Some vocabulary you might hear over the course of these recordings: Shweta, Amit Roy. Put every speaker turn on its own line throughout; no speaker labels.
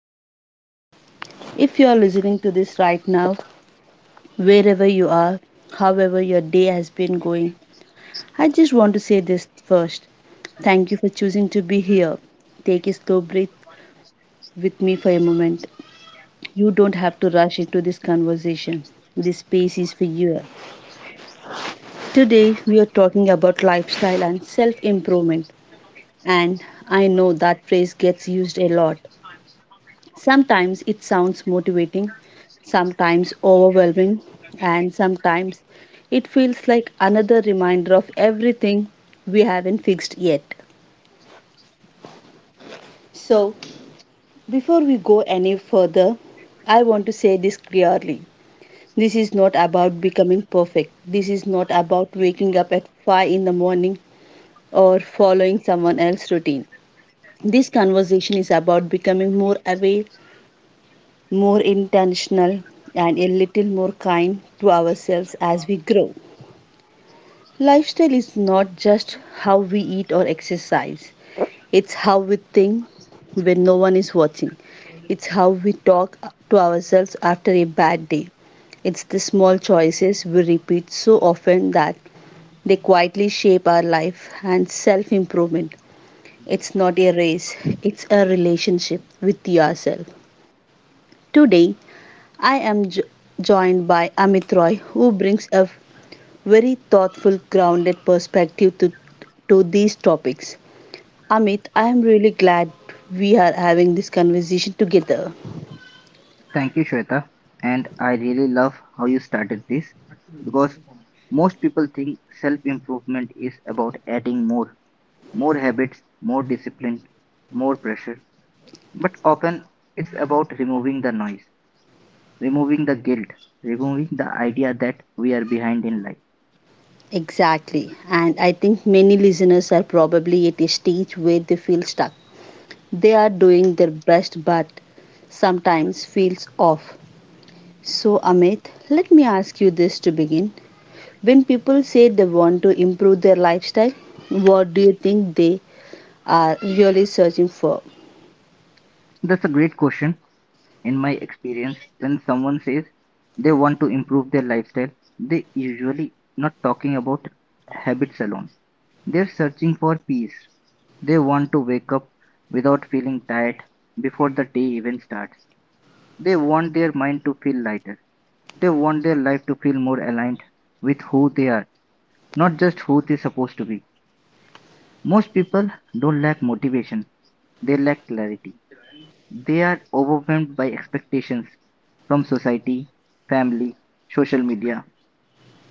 and welcome. If you are listening to this right now, wherever you are, however your day has been going, I just want to say this first. Thank you for choosing to be here. Take a slow breath with me for a moment. You don't have to rush into this conversation. This space is for you. Today, we are talking about lifestyle and self improvement. And I know that phrase gets used a lot. Sometimes it sounds motivating, sometimes overwhelming, and sometimes it feels like another reminder of everything we haven't fixed yet. So, before we go any further, I want to say this clearly. This is not about becoming perfect. This is not about waking up at 5 in the morning or following someone else's routine. This conversation is about becoming more aware, more intentional, and a little more kind to ourselves as we grow. Lifestyle is not just how we eat or exercise, it's how we think when no one is watching. It's how we talk to ourselves after a bad day. It's the small choices we repeat so often that they quietly shape our life and self improvement. It's not a race, it's a relationship with yourself. Today, I am joined by Amit Roy, who brings a very thoughtful, grounded perspective to these topics. Amit, I am really glad we are having this conversation together.
Thank you, Shweta. And I really love how you started this because most people think self improvement is about adding more, more habits, more discipline, more pressure. But often it's about removing the noise, removing the guilt, removing the idea that we are behind in life.
Exactly, and I think many listeners are probably at a stage where they feel stuck. They are doing their best, but sometimes feels off. So, Amit, let me ask you this to begin. When people say they want to improve their lifestyle, what do you think they are really searching for?
That's a great question. In my experience, when someone says they want to improve their lifestyle, they usually not talking about habits alone. They're searching for peace. They want to wake up without feeling tired before the day even starts. They want their mind to feel lighter. They want their life to feel more aligned with who they are, not just who they're supposed to be. Most people don't lack motivation, they lack clarity. They are overwhelmed by expectations from society, family, social media,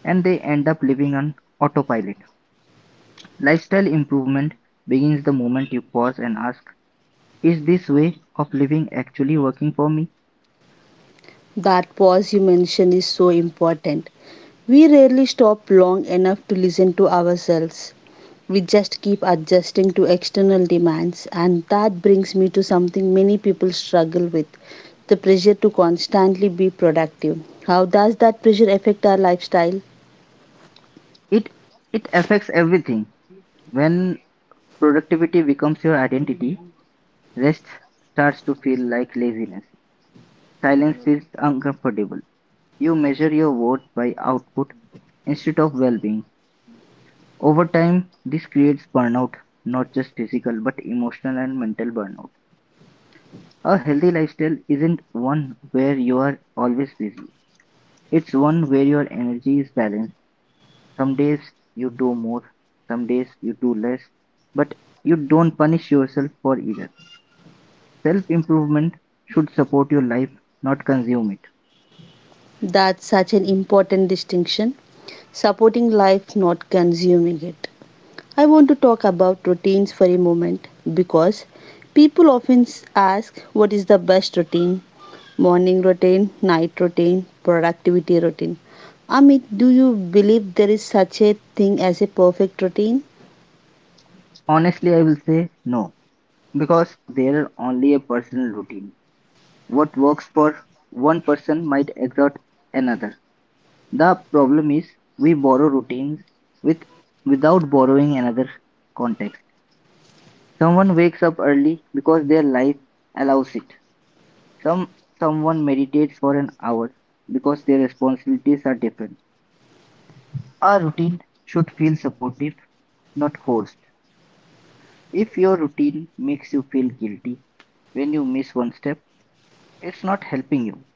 and they end up living on autopilot. Lifestyle improvement begins the moment you pause and ask, is this way of living actually working for me?
That pause you mentioned is so important. We rarely stop long enough to listen to ourselves. We just keep adjusting to external demands, and that brings me to something many people struggle with: the pressure to constantly be productive. How does that pressure affect our lifestyle?
It it affects everything. When productivity becomes your identity, rest starts to feel like laziness. Silence feels uncomfortable. You measure your worth by output instead of well-being. Over time, this creates burnout, not just physical but emotional and mental burnout. A healthy lifestyle isn't one where you are always busy. It's one where your energy is balanced. Some days you do more, some days you do less, but you don't punish yourself for either. Self improvement should support your life, not consume it.
That's such an important distinction. Supporting life, not consuming it. I want to talk about routines for a moment because people often ask what is the best routine: morning routine, night routine, productivity routine. Amit, do you believe there is such a thing as a perfect routine?
Honestly, I will say no, because they are only a personal routine. What works for one person might exert another. The problem is we borrow routines with without borrowing another context. Someone wakes up early because their life allows it. Someone meditates for an hour because their responsibilities are different. A routine should feel supportive, not forced. If your routine makes you feel guilty when you miss one step, it's not helping you.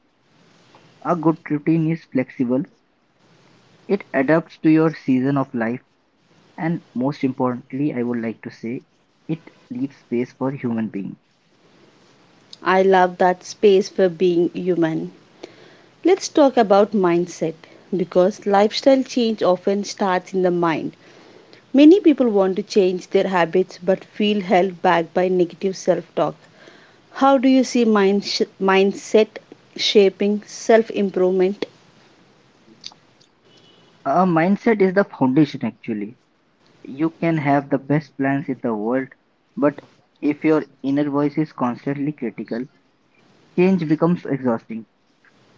A good routine is flexible. It adapts to your season of life, and most importantly, I would like to say, it leaves space for human being.
I love that space for being human. Let's talk about mindset because lifestyle change often starts in the mind. Many people want to change their habits but feel held back by negative self talk. How do you see mindset shaping self improvement?
A mindset is the foundation actually. You can have the best plans in the world, but if your inner voice is constantly critical, change becomes exhausting.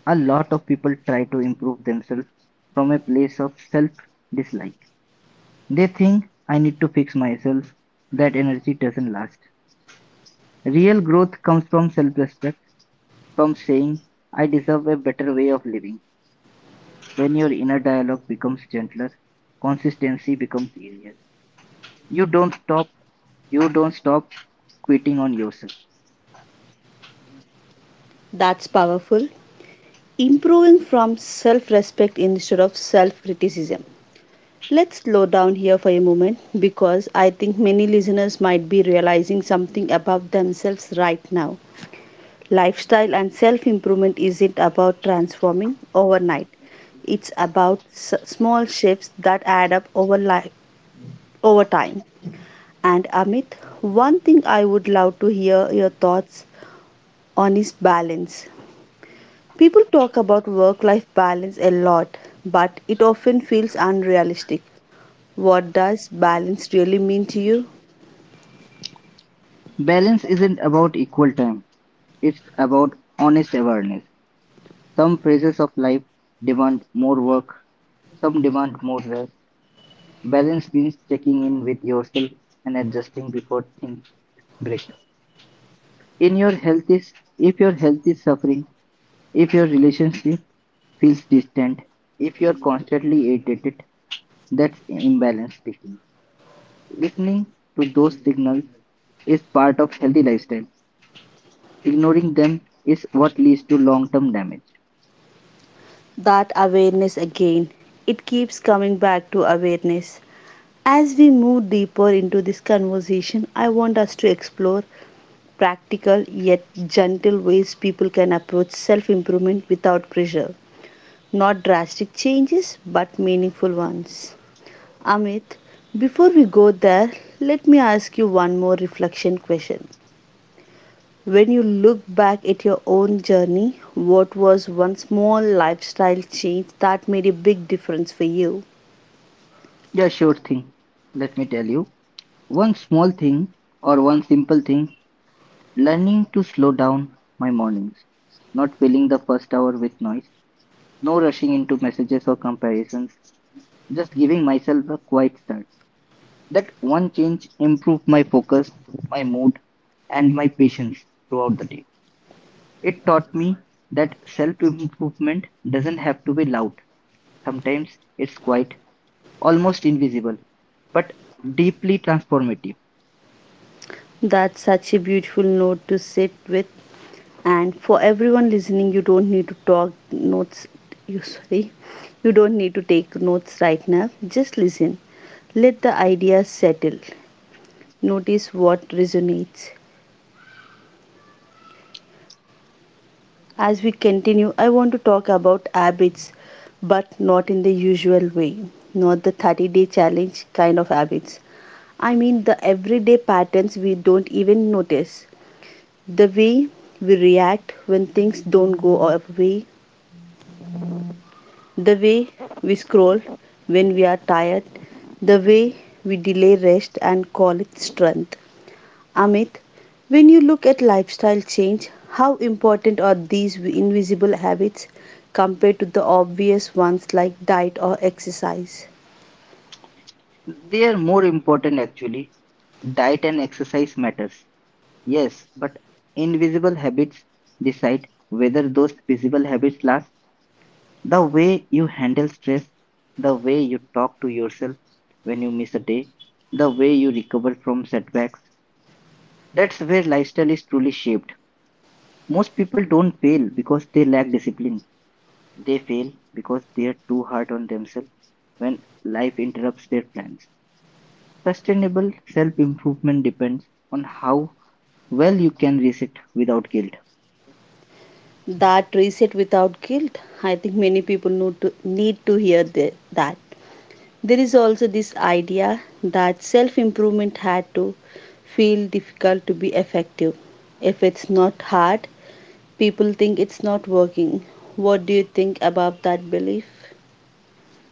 A lot of people try to improve themselves from a place of self dislike. They think, I need to fix myself. That energy doesn't last. Real growth comes from self respect, from saying, I deserve a better way of living. When your inner dialogue becomes gentler, consistency becomes easier. You don't stop. You don't stop quitting on yourself.
That's powerful. Improving from self respect instead of self criticism. Let's slow down here for a moment because I think many listeners might be realizing something about themselves right now. Lifestyle and self improvement isn't about transforming overnight, it's about small shifts that add up over time. And Amit, one thing I would love to hear your thoughts on is balance. People talk about work life balance a lot, but it often feels unrealistic. What does balance really mean to you?
Balance isn't about equal time. It's about honest awareness. Some phases of life demand more work. Some demand more rest. Balance means checking in with yourself and adjusting before things break. In your health is If your health is suffering, if your relationship feels distant, if you are constantly irritated, that's imbalance speaking. Listening to those signals is part of healthy lifestyle. Ignoring them is what leads to long-term damage.
That awareness again. It keeps coming back to awareness. As we move deeper into this conversation, I want us to explore practical yet gentle ways people can approach self improvement without pressure. Not drastic changes, but meaningful ones. Amit, before we go there, let me ask you one more reflection question. When you look back at your own journey, what was one small lifestyle change that made a big difference for you?
Yeah, sure thing. Let me tell you. One small thing one simple thing, learning to slow down my mornings, not filling the first hour with noise, no rushing into messages or comparisons, just giving myself a quiet start. That one change improved my focus, my mood, and my patience throughout the day. It taught me that self-improvement doesn't have to be loud. Sometimes it's quiet, almost invisible, but deeply transformative.
That's such a beautiful note to sit with. And for everyone listening, You sorry, you don't need to take notes right now. Just listen. Let the ideas settle. Notice what resonates. As we continue, I want to talk about habits, but not in the usual way, not the 30-day challenge kind of habits. I mean the everyday patterns we don't even notice, the way we react when things don't go our way, the way we scroll when we are tired, the way we delay rest and call it strength. Amit, when you look at lifestyle change, how important are these invisible habits compared to the obvious ones like diet or exercise?
They are more important actually. Diet and exercise matters. Yes, but invisible habits decide whether those visible habits last. The way you handle stress, the way you talk to yourself when you miss a day, the way you recover from setbacks. That's where lifestyle is truly shaped. Most people don't fail because they lack discipline. They fail because they're too hard on themselves when life interrupts their plans. Sustainable self improvement depends on how well you can reset without guilt.
That reset without guilt. I think many people need to hear that. There is also this idea that self improvement had to feel difficult to be effective. If it's not hard, people think it's not working. What do you think about that belief?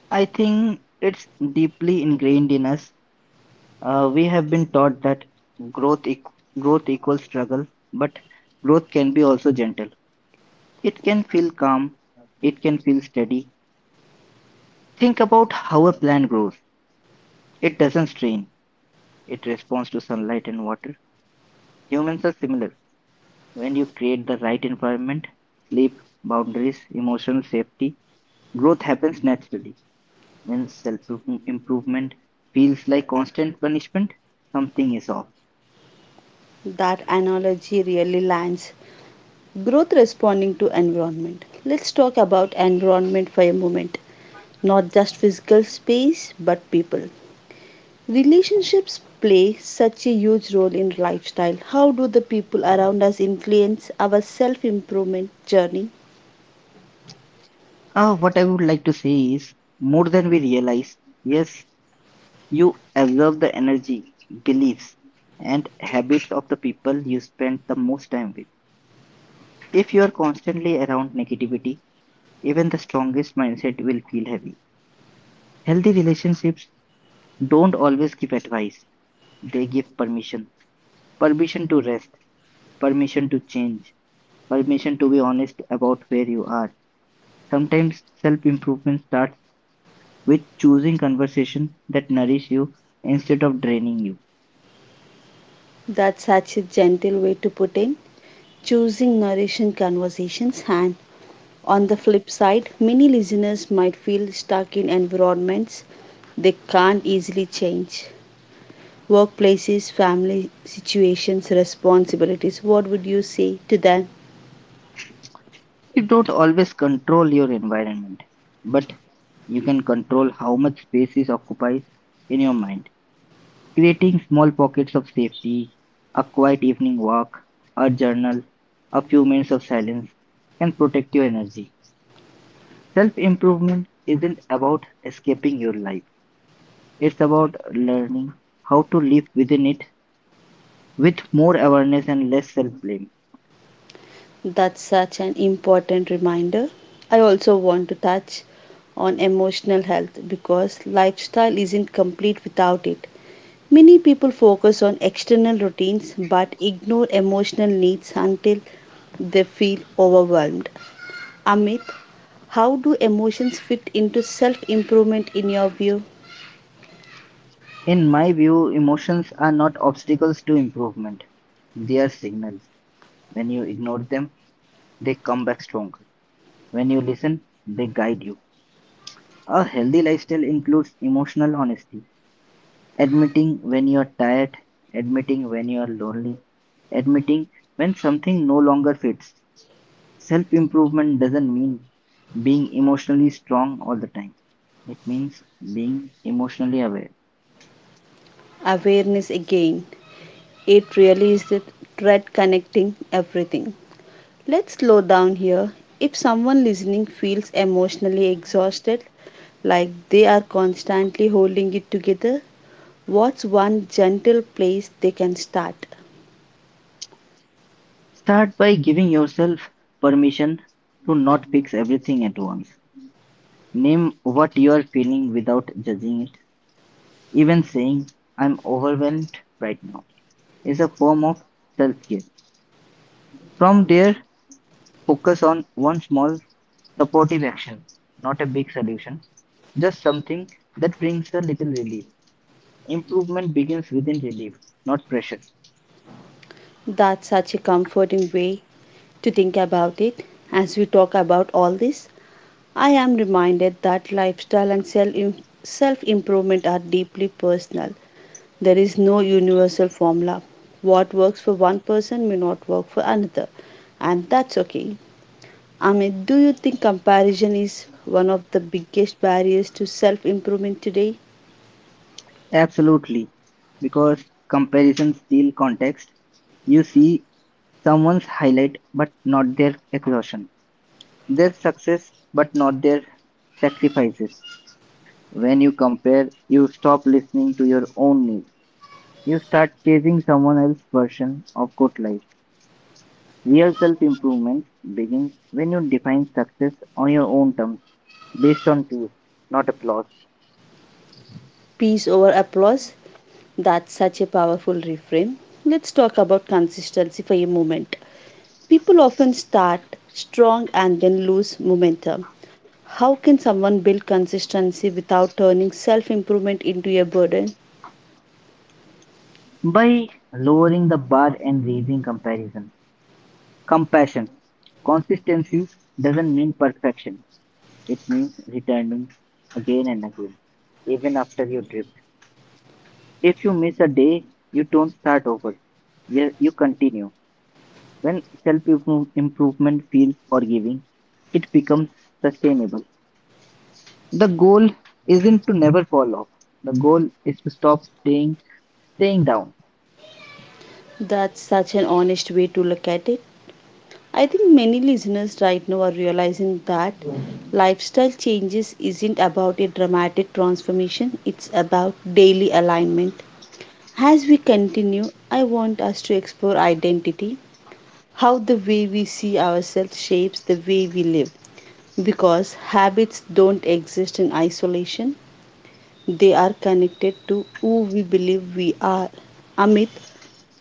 I think it's deeply ingrained in us. We have been taught that growth eq- growth equals struggle, but growth can be also gentle. It can feel calm. It can feel steady. Think about how a plant grows. It doesn't strain. It responds to sunlight and water. Humans are similar. When you create the right environment, sleep, boundaries, emotional safety, growth happens naturally. When self improvement feels like constant punishment, something is off.
That analogy really lands. Growth responding to environment. Let's talk about environment for a moment. Not just physical space, but people. Relationships play such a huge role in lifestyle. How do the people around us influence our self improvement journey?
What I would like to say is more than we realize, yes, you absorb the energy, beliefs, and habits of the people you spend the most time with. If you are constantly around negativity, even the strongest mindset will feel heavy. Healthy relationships don't always give advice, they give permission. Permission to rest, permission to change, permission to be honest about where you are. Sometimes self improvement starts with choosing conversation that nourish you instead of draining you.
That's such a gentle way to put in. Choosing nourishing conversations. And on the flip side, many listeners might feel stuck in environments they can't easily change: workplaces, family situations, responsibilities. What would you say to them?
You don't always control your environment, but you can control how much space is occupies in your mind. Creating small pockets of safety, a quiet evening walk, a journal, a few minutes of silence, can protect your energy. Self improvement isn't about escaping your life, it's about learning how to live within it with more awareness and less self blame.
That's such an important reminder. I also want to touch on emotional health because lifestyle isn't complete without it. Many people focus on external routines but ignore emotional needs until they feel overwhelmed. Amit, how do emotions fit into self improvement in your view?
In my view, emotions are not obstacles to improvement, they are signals. When you ignore them, they come back stronger. When you listen, they guide you. A healthy lifestyle includes emotional honesty. Admitting when you're tired, admitting when you're lonely, admitting when something no longer fits. Self improvement doesn't mean being emotionally strong all the time, it means being emotionally aware.
Awareness again. It really is the thread connecting everything. Let's slow down here. If someone listening feels emotionally exhausted, like they are constantly holding it together, what's one gentle place they can start?
Start by giving yourself permission to not fix everything at once. Name what you are feeling without judging it. Even saying, I'm overwhelmed right now, is a form of self care. From there, focus on one small supportive action, not a big solution, just something that brings a little relief. Improvement begins within relief, not pressure.
That's such a comforting way to think about it. As we talk about all this, I am reminded that lifestyle and self improvement are deeply personal. There is no universal formula. What works for one person may not work for another, and that's okay. Amit, do you think comparison is one of the biggest barriers to self improvement today?
Absolutely, because comparison steal context. You see someone's highlight but not their exhaustion, their success but not their sacrifices. When you compare, you stop listening to your own needs. You start chasing someone else's version of good life. Real self-improvement begins when you define success on your own terms, based on peace, not applause.
Peace over applause? That's such a powerful reframe. Let's talk about consistency for a moment. People often start strong and then lose momentum. How can someone build consistency without turning self improvement into a burden?
By lowering the bar and raising comparison, compassion, consistency doesn't mean perfection. It means returning again and again, even after you drift. If you miss a day, you don't start over. You continue. When self improvement feels forgiving, it becomes sustainable. The goal isn't to never fall off. The goal is to stop staying down.
That's such an honest way to look at it. I think many listeners right now are realizing that lifestyle changes isn't about a dramatic transformation, it's about daily alignment. As we continue, I want us to explore identity, how the way we see ourselves shapes the way we live. Because habits don't exist in isolation, they are connected to who we believe we are. Amit,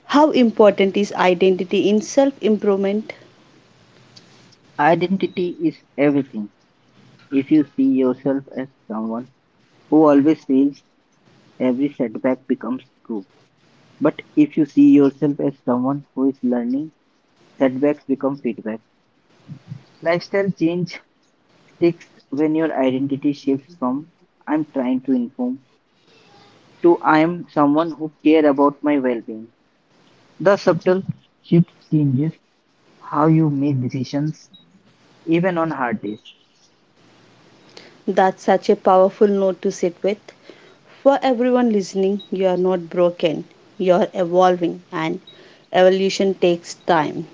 how important is identity in self improvement?
Identity is everything. If you see yourself as someone who always fails, every setback becomes proof. But if you see yourself as someone who is learning, setbacks become feedback. Lifestyle change sticks when your identity shifts from I'm trying to inform to I am someone who care about my well-being. The subtle shift changes how you make decisions, even on hard days.
That's such a powerful note to sit with. For everyone listening, you are not broken, you are evolving, and evolution takes time.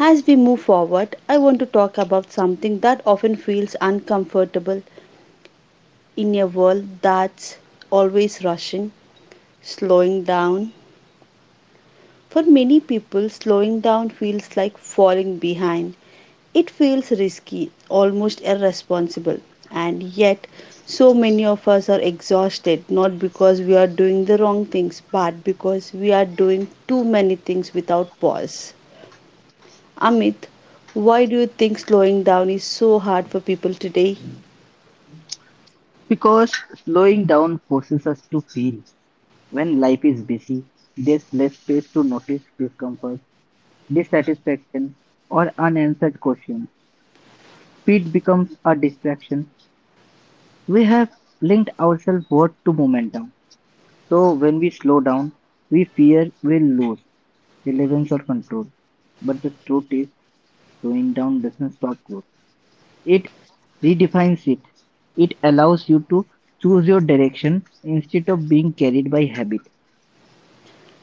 As we move forward, I want to talk about something that often feels uncomfortable. In a world that's always rushing, slowing down. For many people, slowing down feels like falling behind. It feels risky, almost irresponsible, and yet so many of us are exhausted not because we are doing the wrong things but because we are doing too many things without pause. Amit, why do you think slowing down is so hard for people today?
Because slowing down forces us to feel. When life is busy, there's less space to notice discomfort, dissatisfaction, or unanswered questions. Speed becomes a distraction. We have linked ourselves worth to momentum. So when we slow down, we fear we'll lose relevance or control. But the truth is, slowing down doesn't stop growth. It redefines it; it allows you to choose your direction instead of being carried by habit.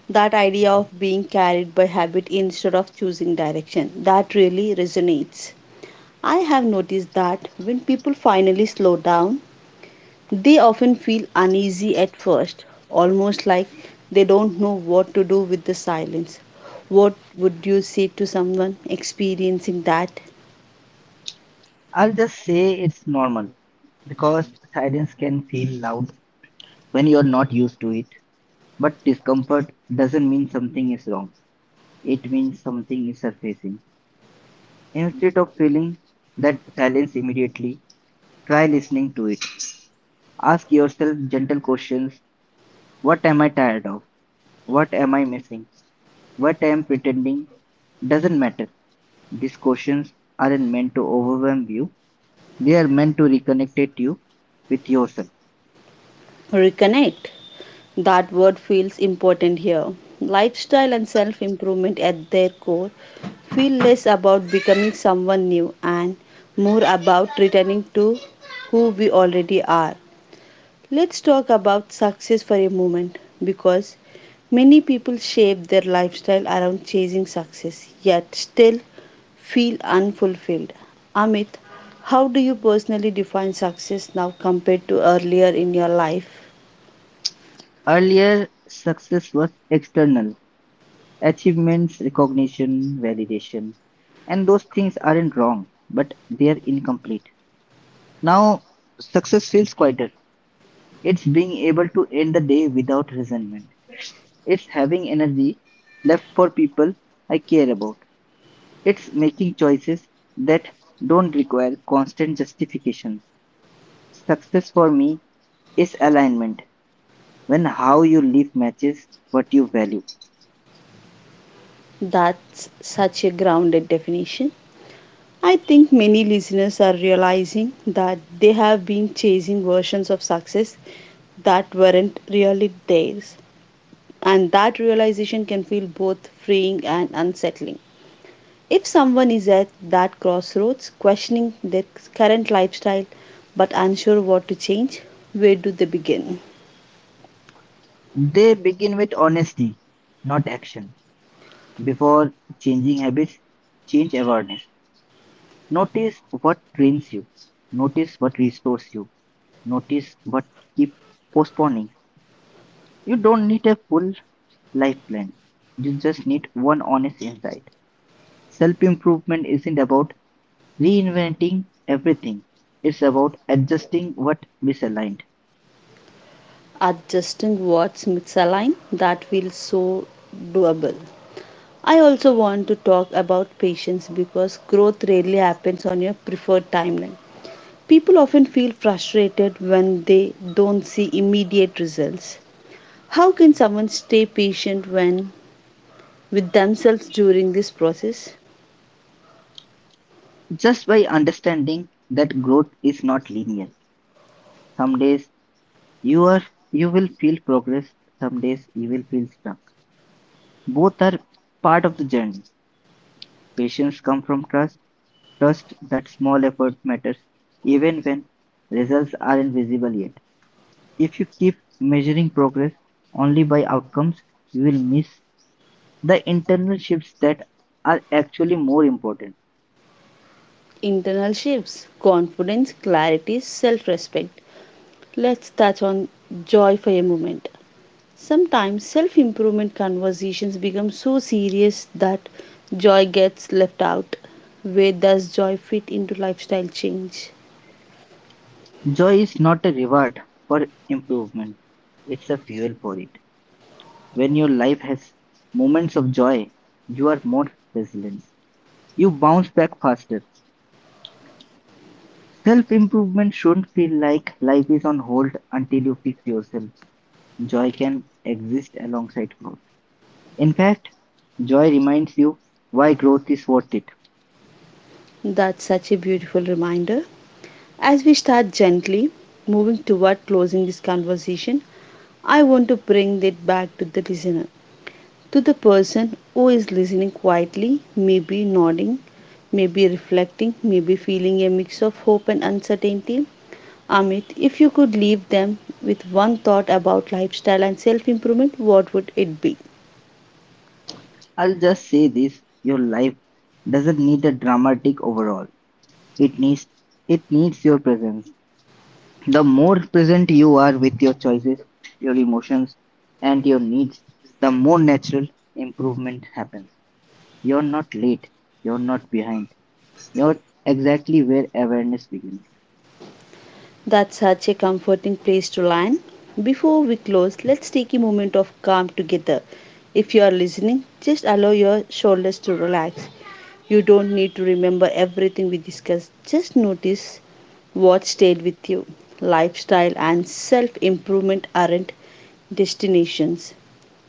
That idea of being carried by habit instead of choosing direction, that really resonates. I have noticed that when people finally slow down, they often feel uneasy at first, almost like they don't know what to do with the silence. What would you say to someone experiencing that?
I'll just say it's normal because silence can feel loud when you're not used to it. But discomfort doesn't mean something is wrong, it means something is surfacing. Instead of feeling that silence immediately, try listening to it. Ask yourself gentle questions. What am I tired of? What am I missing? What I am pretending doesn't matter. These questions aren't meant to overwhelm you, they are meant to reconnect you with yourself.
Reconnect. That word feels important here. Lifestyle and self improvement at their core feel less about becoming someone new and more about returning to who we already are. Let's talk about success for a moment because many people shape their lifestyle around chasing success yet still feel unfulfilled. Amit, how do you personally define success now compared to earlier in your life?
Earlier, success was external achievements, recognition, validation, and those things aren't wrong, but they are incomplete. Now, success feels quieter. It's being able to end the day without resentment. It's having energy left for people I care about. It's making choices that don't require constant justification. Success for me is alignment. When how you live matches what you value.
That's such a grounded definition. I think many listeners are realizing that they have been chasing versions of success that weren't really theirs, and that realization can feel both freeing and unsettling. If someone is at that crossroads, questioning their current lifestyle but unsure what to change, where do they begin?
They begin with honesty, not action. Before changing habits, change awareness. Notice what drains you. Notice what restores you. Notice what keep postponing. You don't need a full life plan. You just need one honest insight. Self improvement isn't about reinventing everything. It's about adjusting what misaligned.
Adjusting what's misaligned, that feels so doable. I also want to talk about patience because growth rarely happens on your preferred timeline. People often feel frustrated when they don't see immediate results. How can someone stay patient when with themselves during this process?
Just by understanding that growth is not linear, some days you are you will feel progress, some days you will feel stuck. Both are part of the journey. Patience comes from trust, trust that small effort matters even when results aren't visible yet. If you keep measuring progress only by outcomes, you will miss the internal shifts that are actually more important.
Internal shifts, confidence, clarity, self respect. Let's touch on joy for a moment. Sometimes self improvement conversations become so serious that joy gets left out. Where does joy fit into lifestyle change?
Joy is not a reward for improvement, it's a fuel for it. When your life has moments of joy, you are more resilient. You bounce back faster. Self improvement shouldn't feel like life is on hold until you fix yourself. Joy can exist alongside growth. In fact, joy reminds you why growth is worth it.
That's such a beautiful reminder. As we start gently moving toward closing this conversation, I want to bring it back to the listener, to the person who is listening quietly, maybe nodding, maybe reflecting, maybe feeling a mix of hope and uncertainty. Amit, if you could leave them with one thought about lifestyle and self improvement, what would it be?
I'll just say this, your life doesn't need a dramatic overhaul. It needs it needs your presence. The more present you are with your choices, your emotions, and your needs, the more natural improvement happens. You're not late, you're not behind, you're exactly where awareness begins.
That's such a comforting place to land. Before we close, let's take a moment of calm together. If you are listening, just allow your shoulders to relax. You don't need to remember everything we discussed, just notice what stayed with you. Lifestyle and self improvement aren't destinations,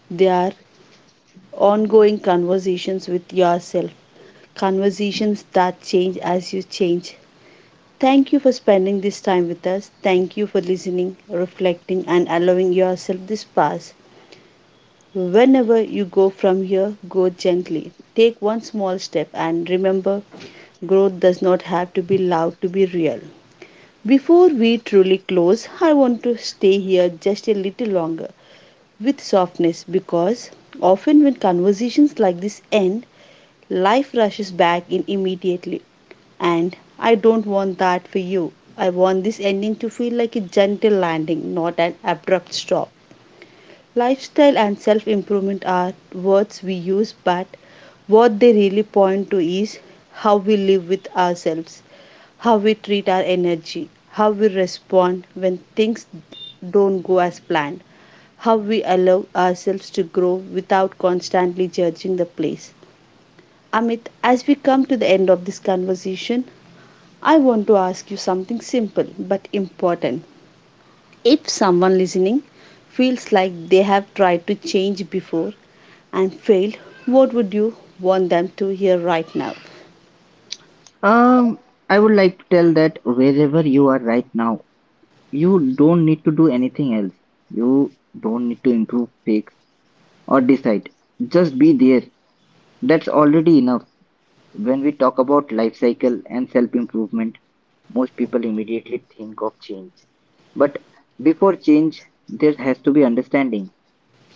they are ongoing conversations with yourself, conversations that change as you change. Thank you for spending this time with us. Thank you for listening, reflecting, and allowing yourself this pass. Whenever you go from here, go gently. Take one small step and remember, growth does not have to be loud to be real. Before we truly close, I want to stay here just a little longer with softness because often when conversations like this end, life rushes back in immediately. And I don't want that for you. I want this ending to feel like a gentle landing, not an abrupt stop. Lifestyle and self improvement are words we use, but what they really point to is how we live with ourselves, how we treat our energy, how we respond when things don't go as planned, how we allow ourselves to grow without constantly judging the place. Amit, as we come to the end of this conversation, I want to ask you something simple but important. If someone listening feels like they have tried to change before and failed, what would you want them to hear right now?
Um, I would like to tell that wherever you are right now, you don't need to do anything else. You don't need to improve, fix, or decide. Just be there. That's already enough. When we talk about life cycle and self-improvement, most people immediately think of change. But before change, there has to be understanding.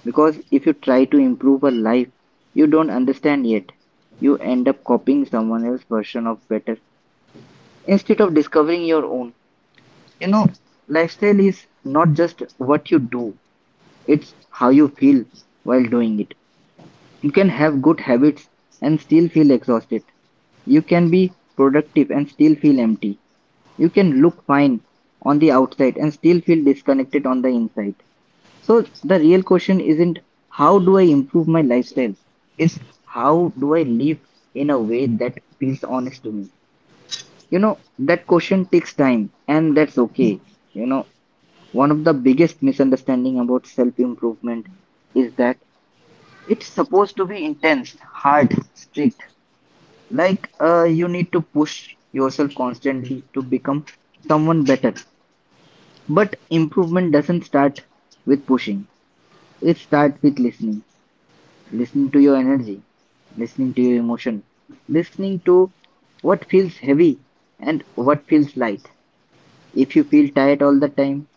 Because if you try to improve a life you don't understand yet, you end up copying someone else's version of better instead of discovering your own. You know, lifestyle is not just what you do, it's how you feel while doing it. You can have good habits and still feel exhausted. You can be productive and still feel empty. You can look fine on the outside and still feel disconnected on the inside. So the real question isn't how do I improve my lifestyle? It's how do I live in a way that feels honest to me? You know, that question takes time and that's okay. You know, one of the biggest misunderstanding about self improvement is that it's supposed to be intense, hard, strict. Like, you need to push yourself constantly to become someone better. But improvement doesn't start with pushing. It starts with listening. Listening to your energy, listening to your emotion, listening to what feels heavy and what feels light. If you feel tired all the time,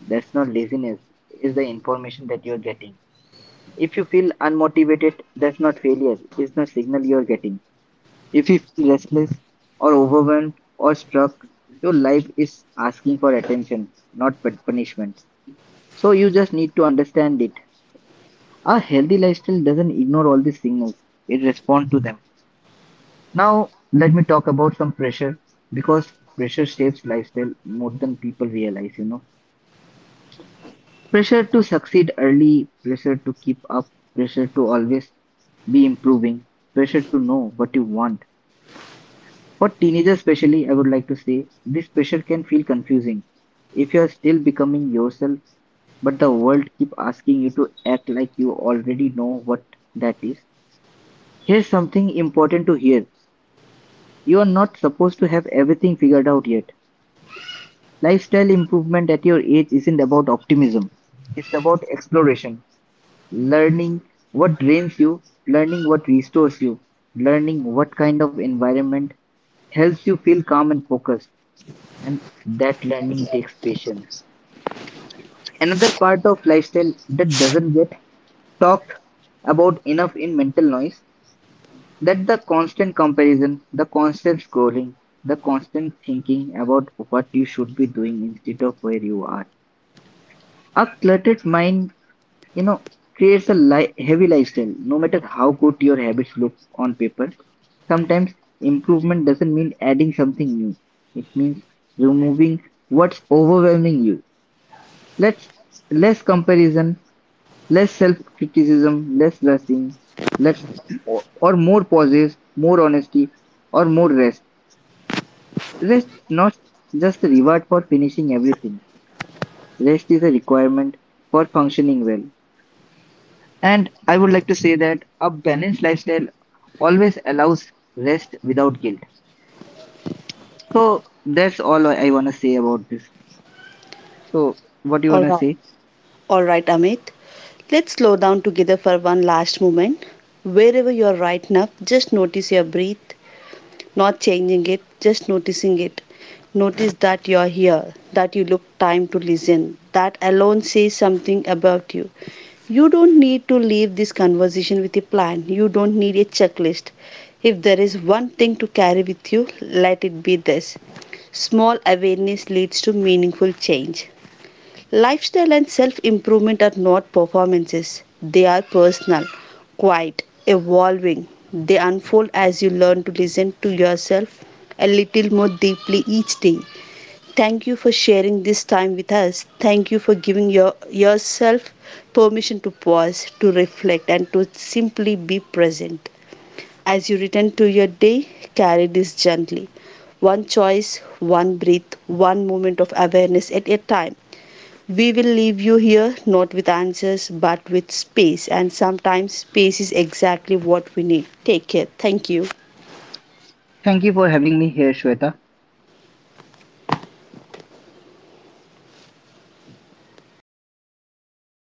that's not laziness. It's the information that you're getting. If you feel unmotivated, that's not failure. It's the signal you're getting. If you feel restless or overwhelmed or struck, your life is asking for attention, not punishment. So you just need to understand it. A healthy lifestyle doesn't ignore all these signals, it responds to them. Now, let me talk about some pressure because pressure shapes lifestyle more than people realize, you know. Pressure to succeed early, pressure to keep up, pressure to always be improving, pressure to know what you want. For teenagers especially, I would like to say this pressure can feel confusing if you are still becoming yourself, but the world keep asking you to act like you already know what that is. Here's something important to hear. You are not supposed to have everything figured out yet. Lifestyle improvement at your age isn't about optimism. It's about exploration, learning what drains you, learning what restores you, learning what kind of environment helps you feel calm and focused, and that learning takes patience. Another part of lifestyle that doesn't get talked about enough in mental noise, that the constant comparison, the constant scrolling, the constant thinking about what you should be doing instead of where you are. A cluttered mind, you know, creates a heavy lifestyle. No matter how good your habits look on paper, sometimes improvement doesn't mean adding something new. It means removing what's overwhelming you. Let's, less comparison, less self-criticism, less rushing, less, or more pauses, more honesty, or more rest. Rest is not just a reward for finishing everything. Rest is a requirement for functioning well. And I would like to say that a balanced lifestyle always allows rest without guilt. So that's all I want to say about this. So what do you
All
want to
right.
say?
All right, Amit. Let's slow down together for one last moment. Wherever you are right now, just notice your breath, not changing it, just noticing it. Notice that you are here, that you look time to listen. That alone says something about you. You don't need to leave this conversation with a plan. You don't need a checklist. If there is one thing to carry with you, let it be this: small awareness leads to meaningful change. Lifestyle and self improvement are not performances, they are personal, quiet, evolving. They unfold as you learn to listen to yourself a little more deeply each day. Thank you for sharing this time with us. Thank you for giving yourself permission to pause, to reflect, and to simply be present. As you return to your day, carry this gently. One choice, one breath, one moment of awareness at a time. We will leave you here not with answers but with space, and sometimes space is exactly what we need. Take care. Thank you.
Thank you for having me here, Shweta.